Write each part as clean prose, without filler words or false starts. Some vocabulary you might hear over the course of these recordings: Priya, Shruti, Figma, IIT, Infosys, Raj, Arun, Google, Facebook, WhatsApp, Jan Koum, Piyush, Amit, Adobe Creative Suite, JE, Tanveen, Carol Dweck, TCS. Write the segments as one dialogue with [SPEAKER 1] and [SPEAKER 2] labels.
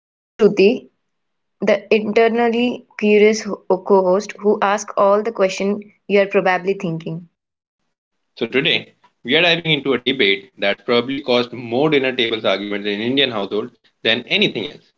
[SPEAKER 1] And I'm Shruti, the internally curious co-host who asks all the questions you're probably thinking.
[SPEAKER 2] So, today we are diving into a debate that's probably caused more dinner tables arguments in Indian households than anything else.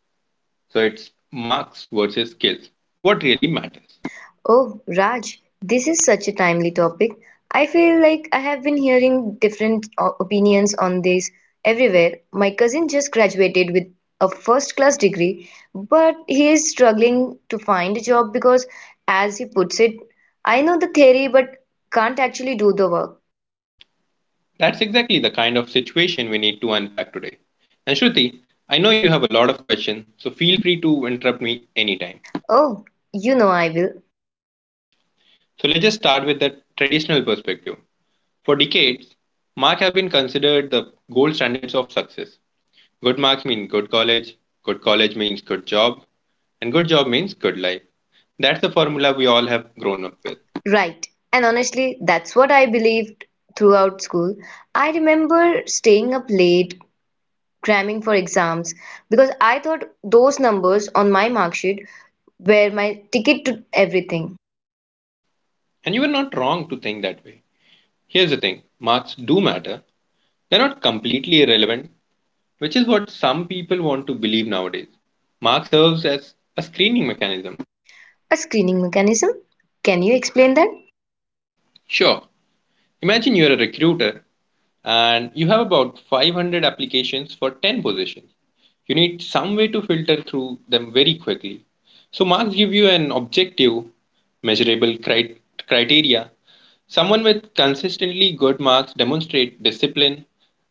[SPEAKER 2] So, it's marks versus skills. What really matters?
[SPEAKER 1] Oh, Raj, this is such a timely topic. I feel like I have been hearing different opinions on this everywhere. My cousin just graduated with a first-class degree, but he is struggling to find a job because, as he puts it, I know the theory but can't actually do the work.
[SPEAKER 2] That's exactly the kind of situation we need to unpack today. And Shruti, I know you have a lot of questions, so feel free to interrupt me anytime.
[SPEAKER 1] Oh, you know I will.
[SPEAKER 2] So let's just start with the traditional perspective. For decades, marks have been considered the gold standards of success. Good marks mean good college means good job, and good job means good life. That's the formula we all have grown up with.
[SPEAKER 1] Right. And honestly, that's what I believed throughout school. I remember staying up late cramming for exams because I thought those numbers on my mark sheet were my ticket to everything.
[SPEAKER 2] And you were not wrong to think that way. Here's the thing marks do matter, they're not completely irrelevant, which is what some people want to believe nowadays. Marks serves as a screening mechanism.
[SPEAKER 1] A screening mechanism? Can you explain that?
[SPEAKER 2] Sure, imagine you're a recruiter and you have about 500 applications for 10 positions. You need some way to filter through them very quickly. So, marks give you an objective, measurable criteria. Someone with consistently good marks demonstrate discipline,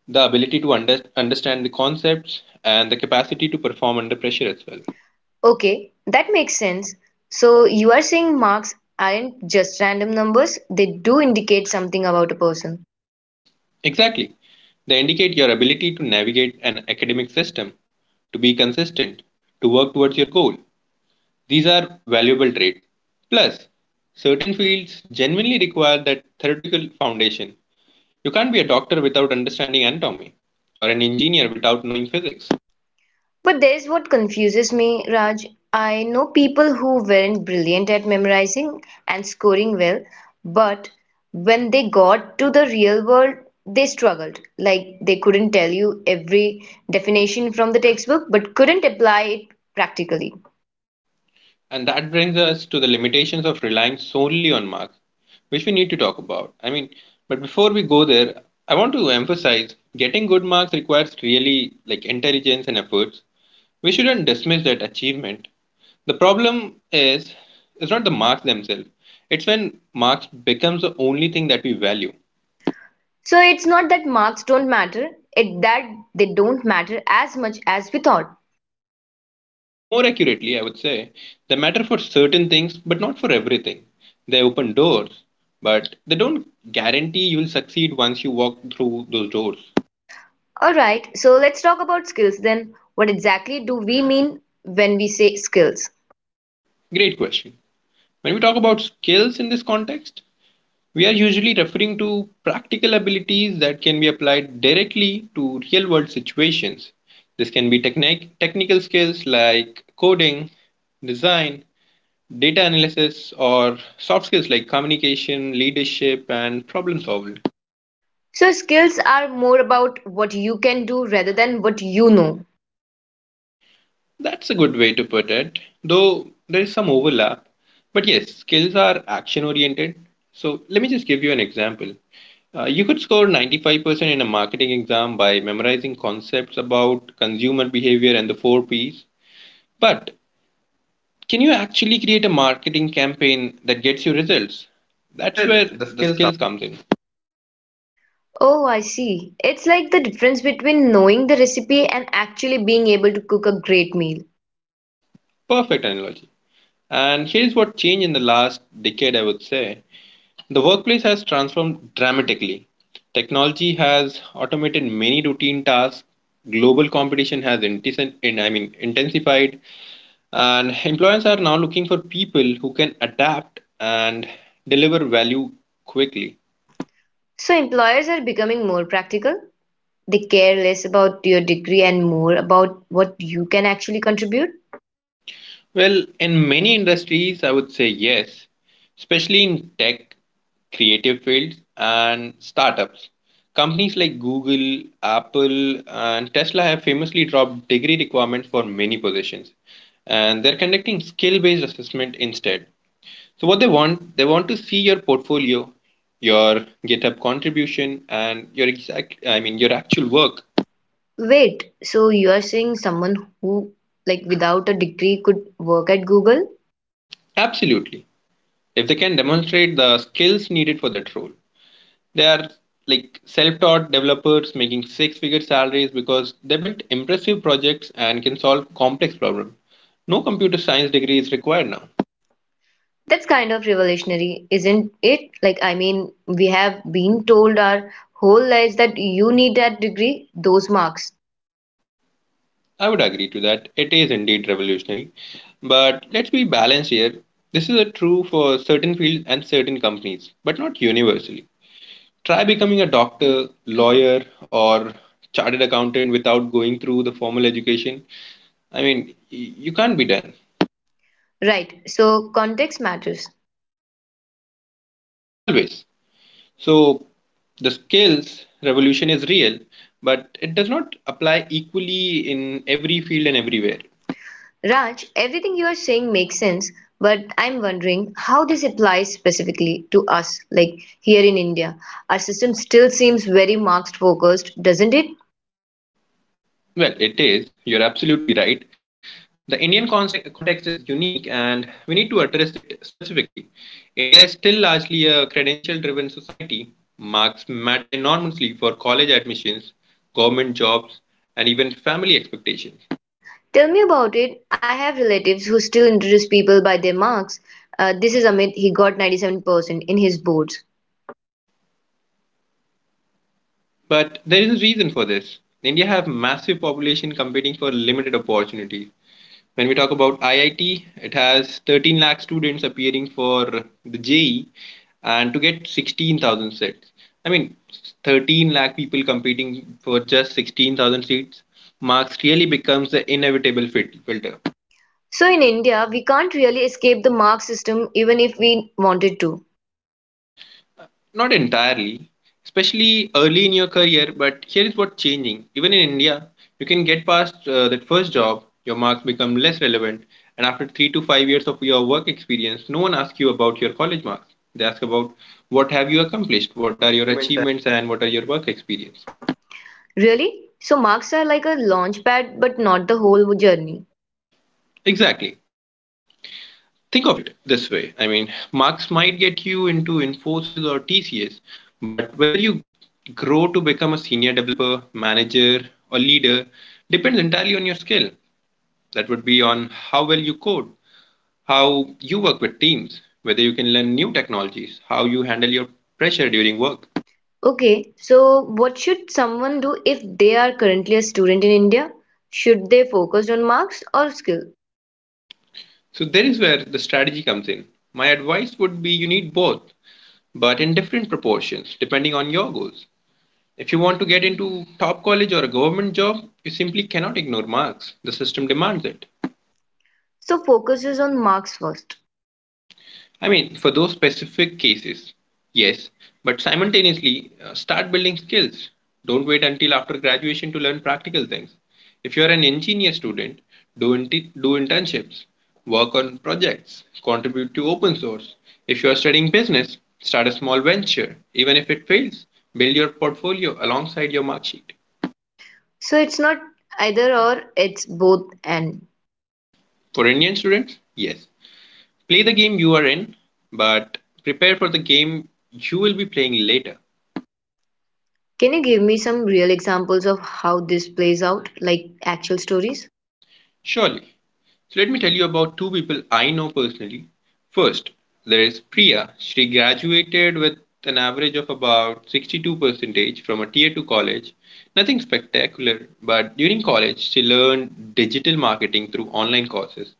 [SPEAKER 2] the ability to understand the concepts, and the capacity to perform under pressure as well.
[SPEAKER 1] Okay, that makes sense. So you are saying marks aren't just random numbers, they do indicate something about a person.
[SPEAKER 2] Exactly. They indicate your ability to navigate an academic system, to be consistent, to work towards your goal. These are valuable traits. Plus, certain fields genuinely require that theoretical foundation. You can't be a doctor without understanding anatomy, or an engineer without knowing physics.
[SPEAKER 1] But there's what confuses me, Raj. I know people who weren't brilliant at memorizing and scoring well, but when they got to the real world, they struggled. Like they couldn't tell you every definition from the textbook, but couldn't apply it practically.
[SPEAKER 2] And that brings us to the limitations of relying solely on marks, which we need to talk about. I mean, but before we go there, I want to emphasize getting good marks requires really like intelligence and efforts. We shouldn't dismiss that achievement. The problem is it's not the marks themselves. It's when marks becomes the only thing that we value.
[SPEAKER 1] So it's not that marks don't matter, it that they don't matter as much as we thought.
[SPEAKER 2] More accurately, I would say, they matter for certain things, but not for everything. They open doors, but they don't guarantee you'll succeed once you walk through those doors.
[SPEAKER 1] All right, so let's talk about skills then. What exactly do we mean when we say skills?
[SPEAKER 2] Great question. When we talk about skills in this context, we are usually referring to practical abilities that can be applied directly to real world situations. This can be technical skills like coding, design, data analysis, or soft skills like communication, leadership, and problem solving.
[SPEAKER 1] So skills are more about what you can do rather than what you know.
[SPEAKER 2] That's a good way to put it, though there is some overlap. But yes, skills are action oriented. So let me just give you an example. You could score 95% in a marketing exam by memorizing concepts about consumer behavior and the four P's. But can you actually create a marketing campaign that gets you results?
[SPEAKER 1] That's
[SPEAKER 2] That's
[SPEAKER 1] where
[SPEAKER 2] where
[SPEAKER 1] the
[SPEAKER 2] the
[SPEAKER 1] skill comes.
[SPEAKER 2] skill comes in.
[SPEAKER 1] Oh, I see. It's like the difference between knowing the recipe and actually being able to cook a great meal.
[SPEAKER 2] Perfect analogy. And here's what changed in the last decade, I would say. The workplace has transformed dramatically. Technology has automated many routine tasks. Global competition has intensified, and employers are now looking for people who can adapt and deliver value quickly.
[SPEAKER 1] So employers are becoming more practical. They care less about your degree and more about what you can actually contribute.
[SPEAKER 2] Well, in many industries, I would say yes, especially in tech, creative fields, and startups. Companies like Google, Apple, and Tesla have famously dropped degree requirements for many positions, and they're conducting skill based assessment instead. So, what they want to see your portfolio, your GitHub contribution, and your your actual work.
[SPEAKER 1] Wait, so you are saying someone who, without a degree could work at Google?
[SPEAKER 2] Absolutely. If they can demonstrate the skills needed for that role. They are like self-taught developers making six-figure salaries because they built impressive projects and can solve complex problems. No computer science degree is required now.
[SPEAKER 1] That's kind of revolutionary, isn't it? We have been told our whole lives that you need that degree, those marks.
[SPEAKER 2] I would agree to that. It is indeed revolutionary. But let's be balanced here. This is a true for certain fields and certain companies, but not universally. Try becoming a doctor, lawyer, or chartered accountant without going through the formal education. I mean, you can't be done.
[SPEAKER 1] Right, so context matters.
[SPEAKER 2] Always. So the skills revolution is real, but it does not apply equally in every field and everywhere.
[SPEAKER 1] Raj, everything you are saying makes sense, but I'm wondering how this applies specifically to us, like here in India. Our system still seems very marks focused, doesn't it?
[SPEAKER 2] Well, it is. You're absolutely right. The Indian context is unique and we need to address it specifically. India is still largely a credential driven society. Marks matter enormously for college admissions, government jobs, and even family expectations.
[SPEAKER 1] Tell me about it. I have relatives who still introduce people by their marks. This is Amit, he got 97% in his boards.
[SPEAKER 2] But there is a reason for this. India have massive population competing for limited opportunities. When we talk about IIT, it has 13 lakh students appearing for the JE and to get 16,000 seats. I mean, 13 lakh people competing for just 16,000 seats. Marks really becomes the inevitable filter.
[SPEAKER 1] So in India, we can't really escape the mark system even if we wanted to.
[SPEAKER 2] Not entirely, especially early in your career, but here is what's changing. Even in India, you can get past that first job, your marks become less relevant, and after 3 to 5 years of your work experience, no one asks you about your college marks. They ask about what have you accomplished,
[SPEAKER 1] What are
[SPEAKER 2] what are
[SPEAKER 1] your
[SPEAKER 2] your
[SPEAKER 1] achievements?
[SPEAKER 2] achievements, and what are your work experience.
[SPEAKER 1] Really? So marks are like a launch pad, but not the whole journey.
[SPEAKER 2] Exactly. Think of it this way I mean, marks might get you into Infosys or TCS, but whether you grow to become a senior developer, manager, or leader depends entirely on your skill. That would be on how well you code, how you work with teams, whether you can learn new technologies, how you handle your pressure during work.
[SPEAKER 1] Okay, so what should someone do if they are currently a student in India? Should they focus on marks or skill?
[SPEAKER 2] So, there is where the strategy comes in. My advice would be you need both, but in different proportions depending on your goals. If you want to get into top college or a government job, you simply cannot ignore marks. The system demands it.
[SPEAKER 1] So focus is on marks first.
[SPEAKER 2] I mean, for those specific cases, yes, but simultaneously, start building skills. Don't wait until after graduation to learn practical things. If you're an engineer student, do internships, work on projects, contribute to open source. If you are studying business, start a small venture. Even if it fails, build your portfolio alongside your mark sheet.
[SPEAKER 1] So it's not either or, it's both and.
[SPEAKER 2] For Indian students, yes. Play the game you are in, but prepare for the game you will be playing later.
[SPEAKER 1] Can you give me some real examples of how this plays out, like actual stories?
[SPEAKER 2] Surely. So let me tell you about two people I know personally. First, there is Priya. She graduated with an average of about 62 percentage from a tier 2 college. Nothing spectacular, but during college she learned digital marketing through online courses,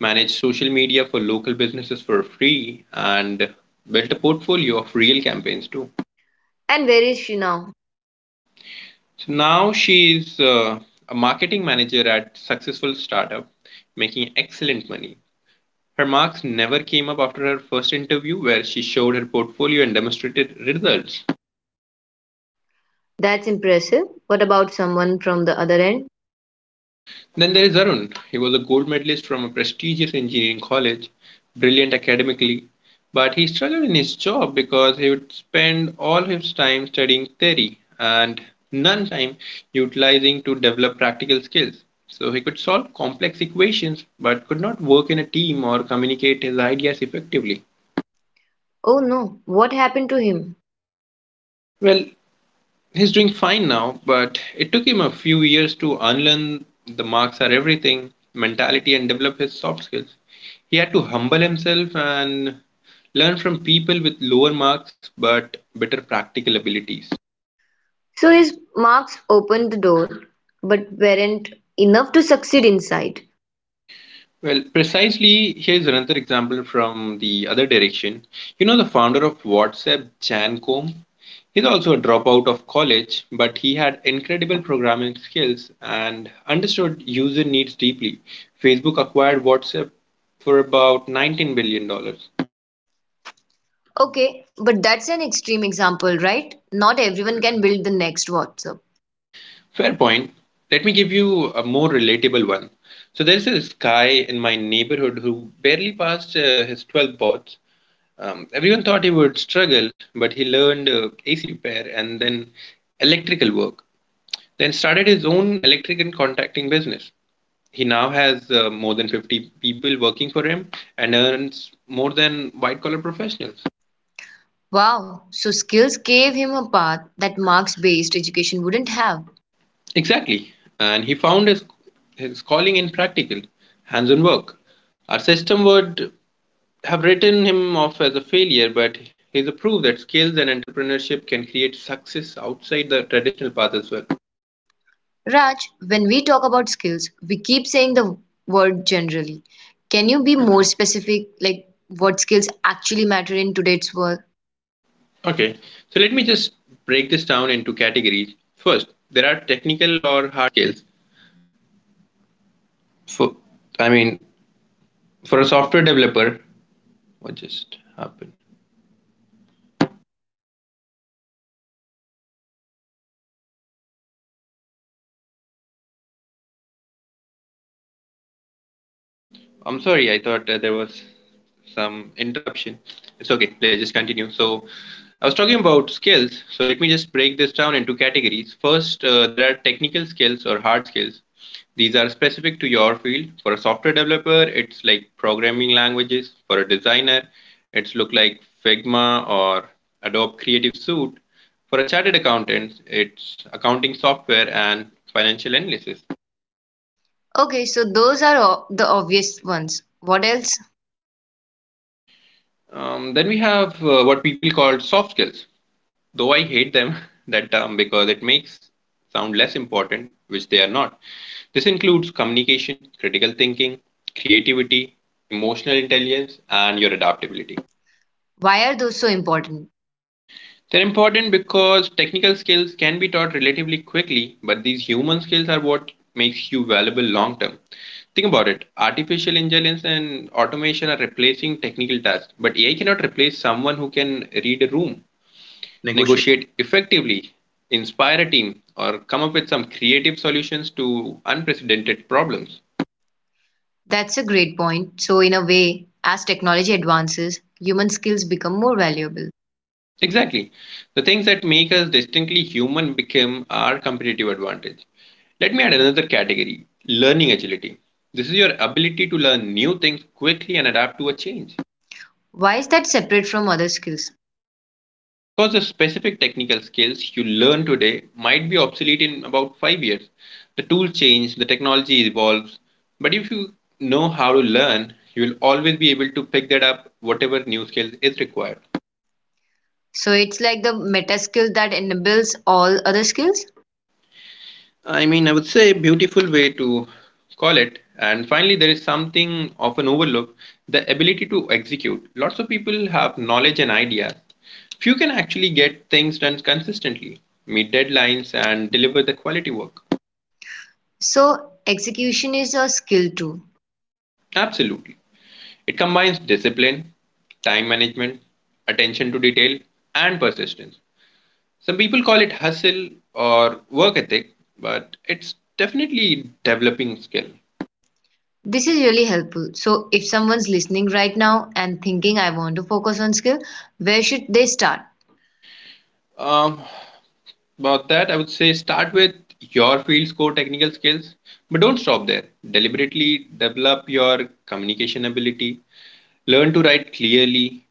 [SPEAKER 2] managed social media for local businesses for free, and built a portfolio of real campaigns too.
[SPEAKER 1] Yes, and where is she now?
[SPEAKER 2] So now she is a marketing manager at successful startup, making excellent money. Her marks never came up after her first interview, where she showed her portfolio and demonstrated results.
[SPEAKER 1] That's impressive. What about someone from the other end?
[SPEAKER 2] Then there is Arun. He was a gold medalist from a prestigious engineering college, brilliant academically, but he struggled in his job because he would spend all his time studying theory and none time utilizing to develop practical skills. So he could solve complex equations but could not work in a team or communicate his ideas effectively.
[SPEAKER 1] Oh no, what happened to him?
[SPEAKER 2] Well, he's doing fine now, but it took him a few years to unlearn the marks are everything mentality and develop his soft skills. He had to humble himself and learn from people with lower marks but better practical abilities.
[SPEAKER 1] So his marks opened the door, but weren't enough to succeed inside.
[SPEAKER 2] Well, precisely, here's another example from the other direction. You know, the founder of WhatsApp, Jan Koum, he's also a dropout of college, but he had incredible programming skills and understood user needs deeply. Facebook acquired WhatsApp for about $19 billion dollars.
[SPEAKER 1] Okay, but that's an extreme example, right? Not everyone can build the next WhatsApp.
[SPEAKER 2] Fair point. Let me give you a more relatable one. So, there's this guy in my neighborhood who barely passed his 12th boards. Everyone thought he would struggle, but he learned AC repair and then electrical work, then started his own electric and contracting business. He now has more than 50 people working for him and earns more than white collar professionals.
[SPEAKER 1] Wow, so skills gave him a path that marks based education wouldn't have.
[SPEAKER 2] Exactly. And he found his calling in practical, hands on work. Our system would have written him off as a failure, but he's a proof that skills and entrepreneurship can create success outside the traditional path as well.
[SPEAKER 1] Raj, when we talk about skills, we keep saying the word generally. Can you be more specific, like what skills actually matter in today's world?
[SPEAKER 2] Okay, so let me just break this down into categories. I'm sorry, I thought there was some interruption. It's okay, let's just continue. So, I was talking about skills. So, let me just break this down into categories. First, there are technical skills or hard skills. These are specific to your field. For a software developer, it's like programming languages. For a designer, it's look like Figma or Adobe Creative Suite. For a chartered accountant, it's accounting software and financial analysis.
[SPEAKER 1] Okay, so those are the obvious ones. What else?
[SPEAKER 2] Then we have what people call soft skills. Though I hate them, that term, because it makes sound less important, which they are not. This includes communication, critical thinking, creativity, emotional intelligence, and your adaptability.
[SPEAKER 1] Why are those so important?
[SPEAKER 2] They're important because technical skills can be taught relatively quickly, but these human skills are what makes you valuable long term. Think about it. Artificial intelligence and automation are replacing technical tasks, but AI cannot replace someone who can read a room,
[SPEAKER 1] Negotiate.
[SPEAKER 2] negotiate effectively, inspire a team, or come up with some creative solutions to unprecedented problems.
[SPEAKER 1] That's a great point. So, in a way, as technology advances, human skills become more valuable.
[SPEAKER 2] Exactly. The things that make us distinctly human become our competitive advantage. Let me add another category, learning agility. This is your ability to learn new things quickly and adapt to a change.
[SPEAKER 1] Why is that separate from other skills?
[SPEAKER 2] Because the specific technical skills you learn today might be obsolete in about 5 years. The tools change, the technology evolves, but if you know how to learn, you will always be able to pick that up, whatever new skills is required.
[SPEAKER 1] So, it's like the meta skill that enables all other skills.
[SPEAKER 2] I mean, I would say beautiful way to call it. And finally, there is something often overlooked, the ability to execute. Lots of people have knowledge and ideas. Few can actually get things done consistently, meet deadlines, and deliver the quality work.
[SPEAKER 1] So, execution is a skill too.
[SPEAKER 2] Absolutely. It combines discipline, time management, attention to detail, and persistence. Some people call it hustle or work ethic, but it's definitely developing skill.
[SPEAKER 1] This is really helpful. So, if someone's listening right now and thinking, I want to focus on skill, where should they start?
[SPEAKER 2] Um, about that, I would say start with your field's core technical skills, but don't stop there. Deliberately develop your communication ability, learn to write clearly,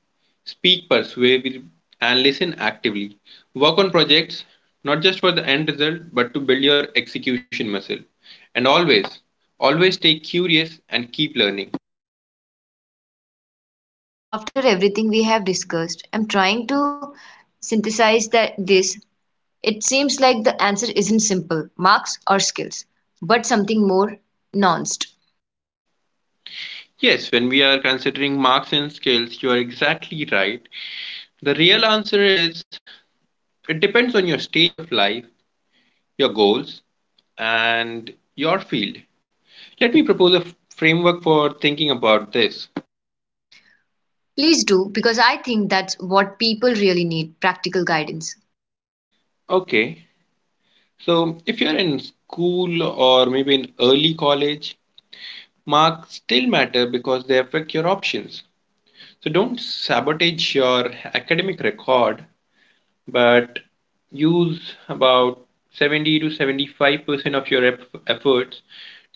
[SPEAKER 2] speak persuasively, and listen actively. Work on projects not just for the end result but to build your execution muscle. And always, always stay curious and keep learning.
[SPEAKER 1] So, Raj, after everything we have discussed, I'm trying to synthesize that this. It seems like the answer isn't simple, marks or skills, but something more nuanced.
[SPEAKER 2] Yes, when we are considering marks and skills, you are exactly right. The real answer is, it depends on your stage of life, your goals, and your field. Let me propose a framework for thinking about this.
[SPEAKER 1] Please do, because I think that's what people really need practical guidance.
[SPEAKER 2] Okay, so, if you're in school or maybe in early college, marks still matter because they affect your options. So, don't sabotage your academic record, but use about 70 to 75% of your efforts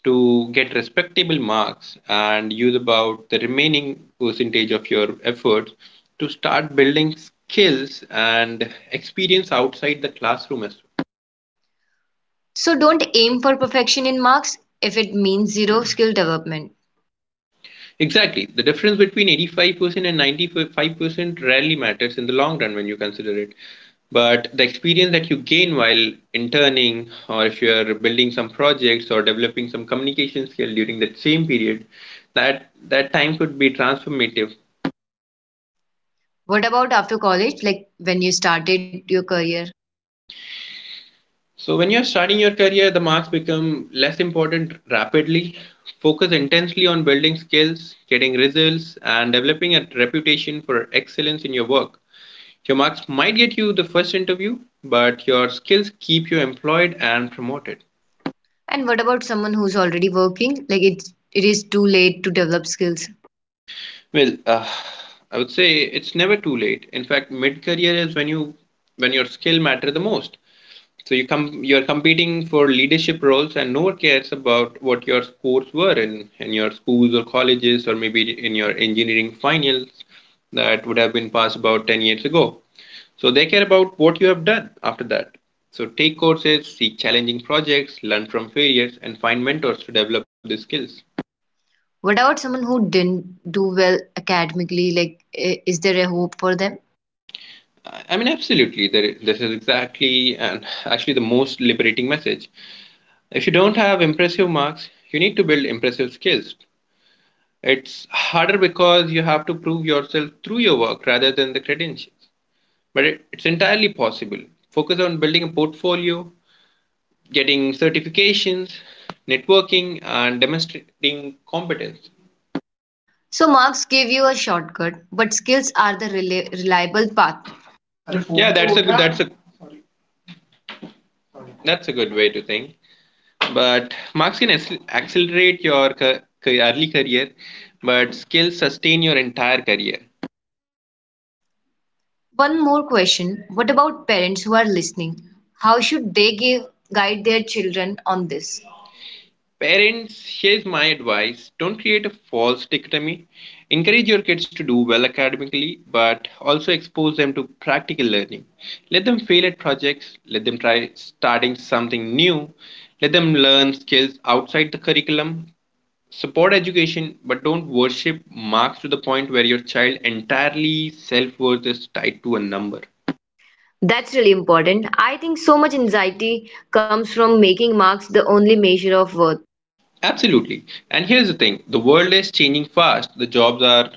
[SPEAKER 2] to get respectable marks and use about the remaining percentage of your efforts to start building skills and experience outside the classroom as...
[SPEAKER 1] So, don't aim for perfection in marks if it means zero skill development.
[SPEAKER 2] Exactly. The difference between 85% and 95% rarely matters in the long run when you consider it. But the experience that you gain while interning, or if you are building some projects or developing some communication skill during that same period, that time could be transformative.
[SPEAKER 1] What about after college, like when you started your career?
[SPEAKER 2] So when you're starting your career, the marks become less important rapidly. Focus intensely on building skills, getting results, and developing a reputation for excellence in your work. Your marks might get you the first interview, but your skills keep you employed and promoted.
[SPEAKER 1] And what about someone who's already working? It is too late to develop skills.
[SPEAKER 2] Well, I would say it's never too late. In fact, mid-career is when you when your skill matter the most. So you come, you're competing for leadership roles and no one cares about what your scores were in your schools or colleges or maybe in your engineering finals that would have been passed about 10 years ago. So they care about what you have done after that. So take courses, seek challenging projects, learn from failures, and find mentors to develop the skills.
[SPEAKER 1] What about someone who didn't do well academically? Like, is there a hope for them?
[SPEAKER 2] I mean, absolutely. There, this is exactly, and actually the most liberating message. If you don't have impressive marks, you need to build impressive skills. It's harder because you have to prove yourself through your work rather than the credentials. But it's entirely possible. Focus on building a portfolio, getting certifications, networking, and demonstrating competence.
[SPEAKER 1] So, marks give you a shortcut, but skills are the reliable path.
[SPEAKER 2] Yeah, that's a good way to think. But marks can accelerate your early career, but skills sustain your entire career.
[SPEAKER 1] One more question. What about parents who are listening? How should they give guide their children on this?
[SPEAKER 2] Parents, here's my advice, don't create a false dichotomy. Encourage your kids to do well academically, but also expose them to practical learning. Let them fail at projects, let them try starting something new, let them learn skills outside the curriculum. Support education, but don't worship marks to the point where your child entirely self worth is tied to a number.
[SPEAKER 1] That's really important. I think so much anxiety comes from making marks the only measure of worth.
[SPEAKER 2] Absolutely. And here's the thing, the world is changing fast. The jobs our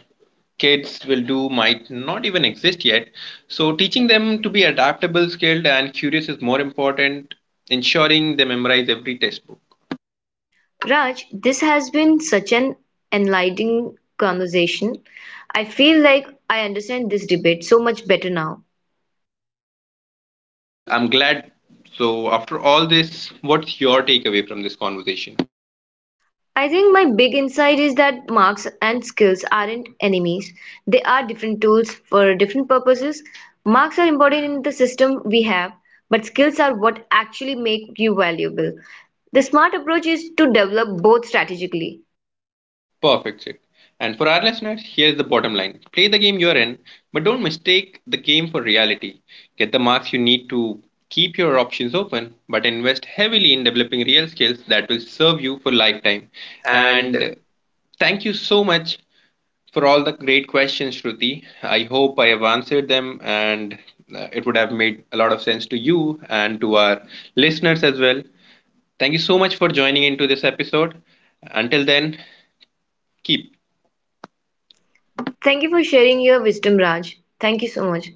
[SPEAKER 2] kids will do might not even exist yet. So, teaching them to be adaptable, skilled, and curious is more important, ensuring they memorize every textbook.
[SPEAKER 1] Raj, this has been such an enlightening conversation. I feel like I understand this debate so much better now.
[SPEAKER 2] Well, I'm glad. So, after all this, what's your takeaway from this conversation?
[SPEAKER 1] I think my big insight is that marks and skills aren't enemies. They are different tools for different purposes. Marks are important in the system we have, but skills are what actually make you valuable. The smart approach is to develop both strategically.
[SPEAKER 2] Perfect, Chip. And for our listeners, here's the bottom line, play the game you're in, but don't mistake the game for reality. Get the marks you need to keep your options open, but invest heavily in developing real skills that will serve you for lifetime.
[SPEAKER 1] And
[SPEAKER 2] And thank you so much for all the great questions, Shruti. I hope I have answered them and it would have made a lot of sense to you and to our listeners as well. Thank you so much for joining into this episode. Until then, keep...
[SPEAKER 1] thank you for sharing your wisdom, Raj. Thank you so much.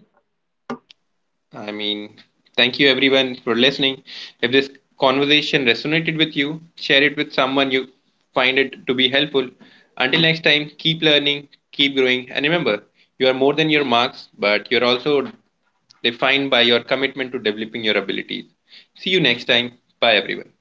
[SPEAKER 2] I mean, thank you everyone for listening. If this conversation resonated with you, share it with someone you find it to be helpful. Until next time, keep learning, keep growing, and remember, you are more than your marks, but you're also defined by your commitment to developing your abilities. See you next time. Bye, everyone.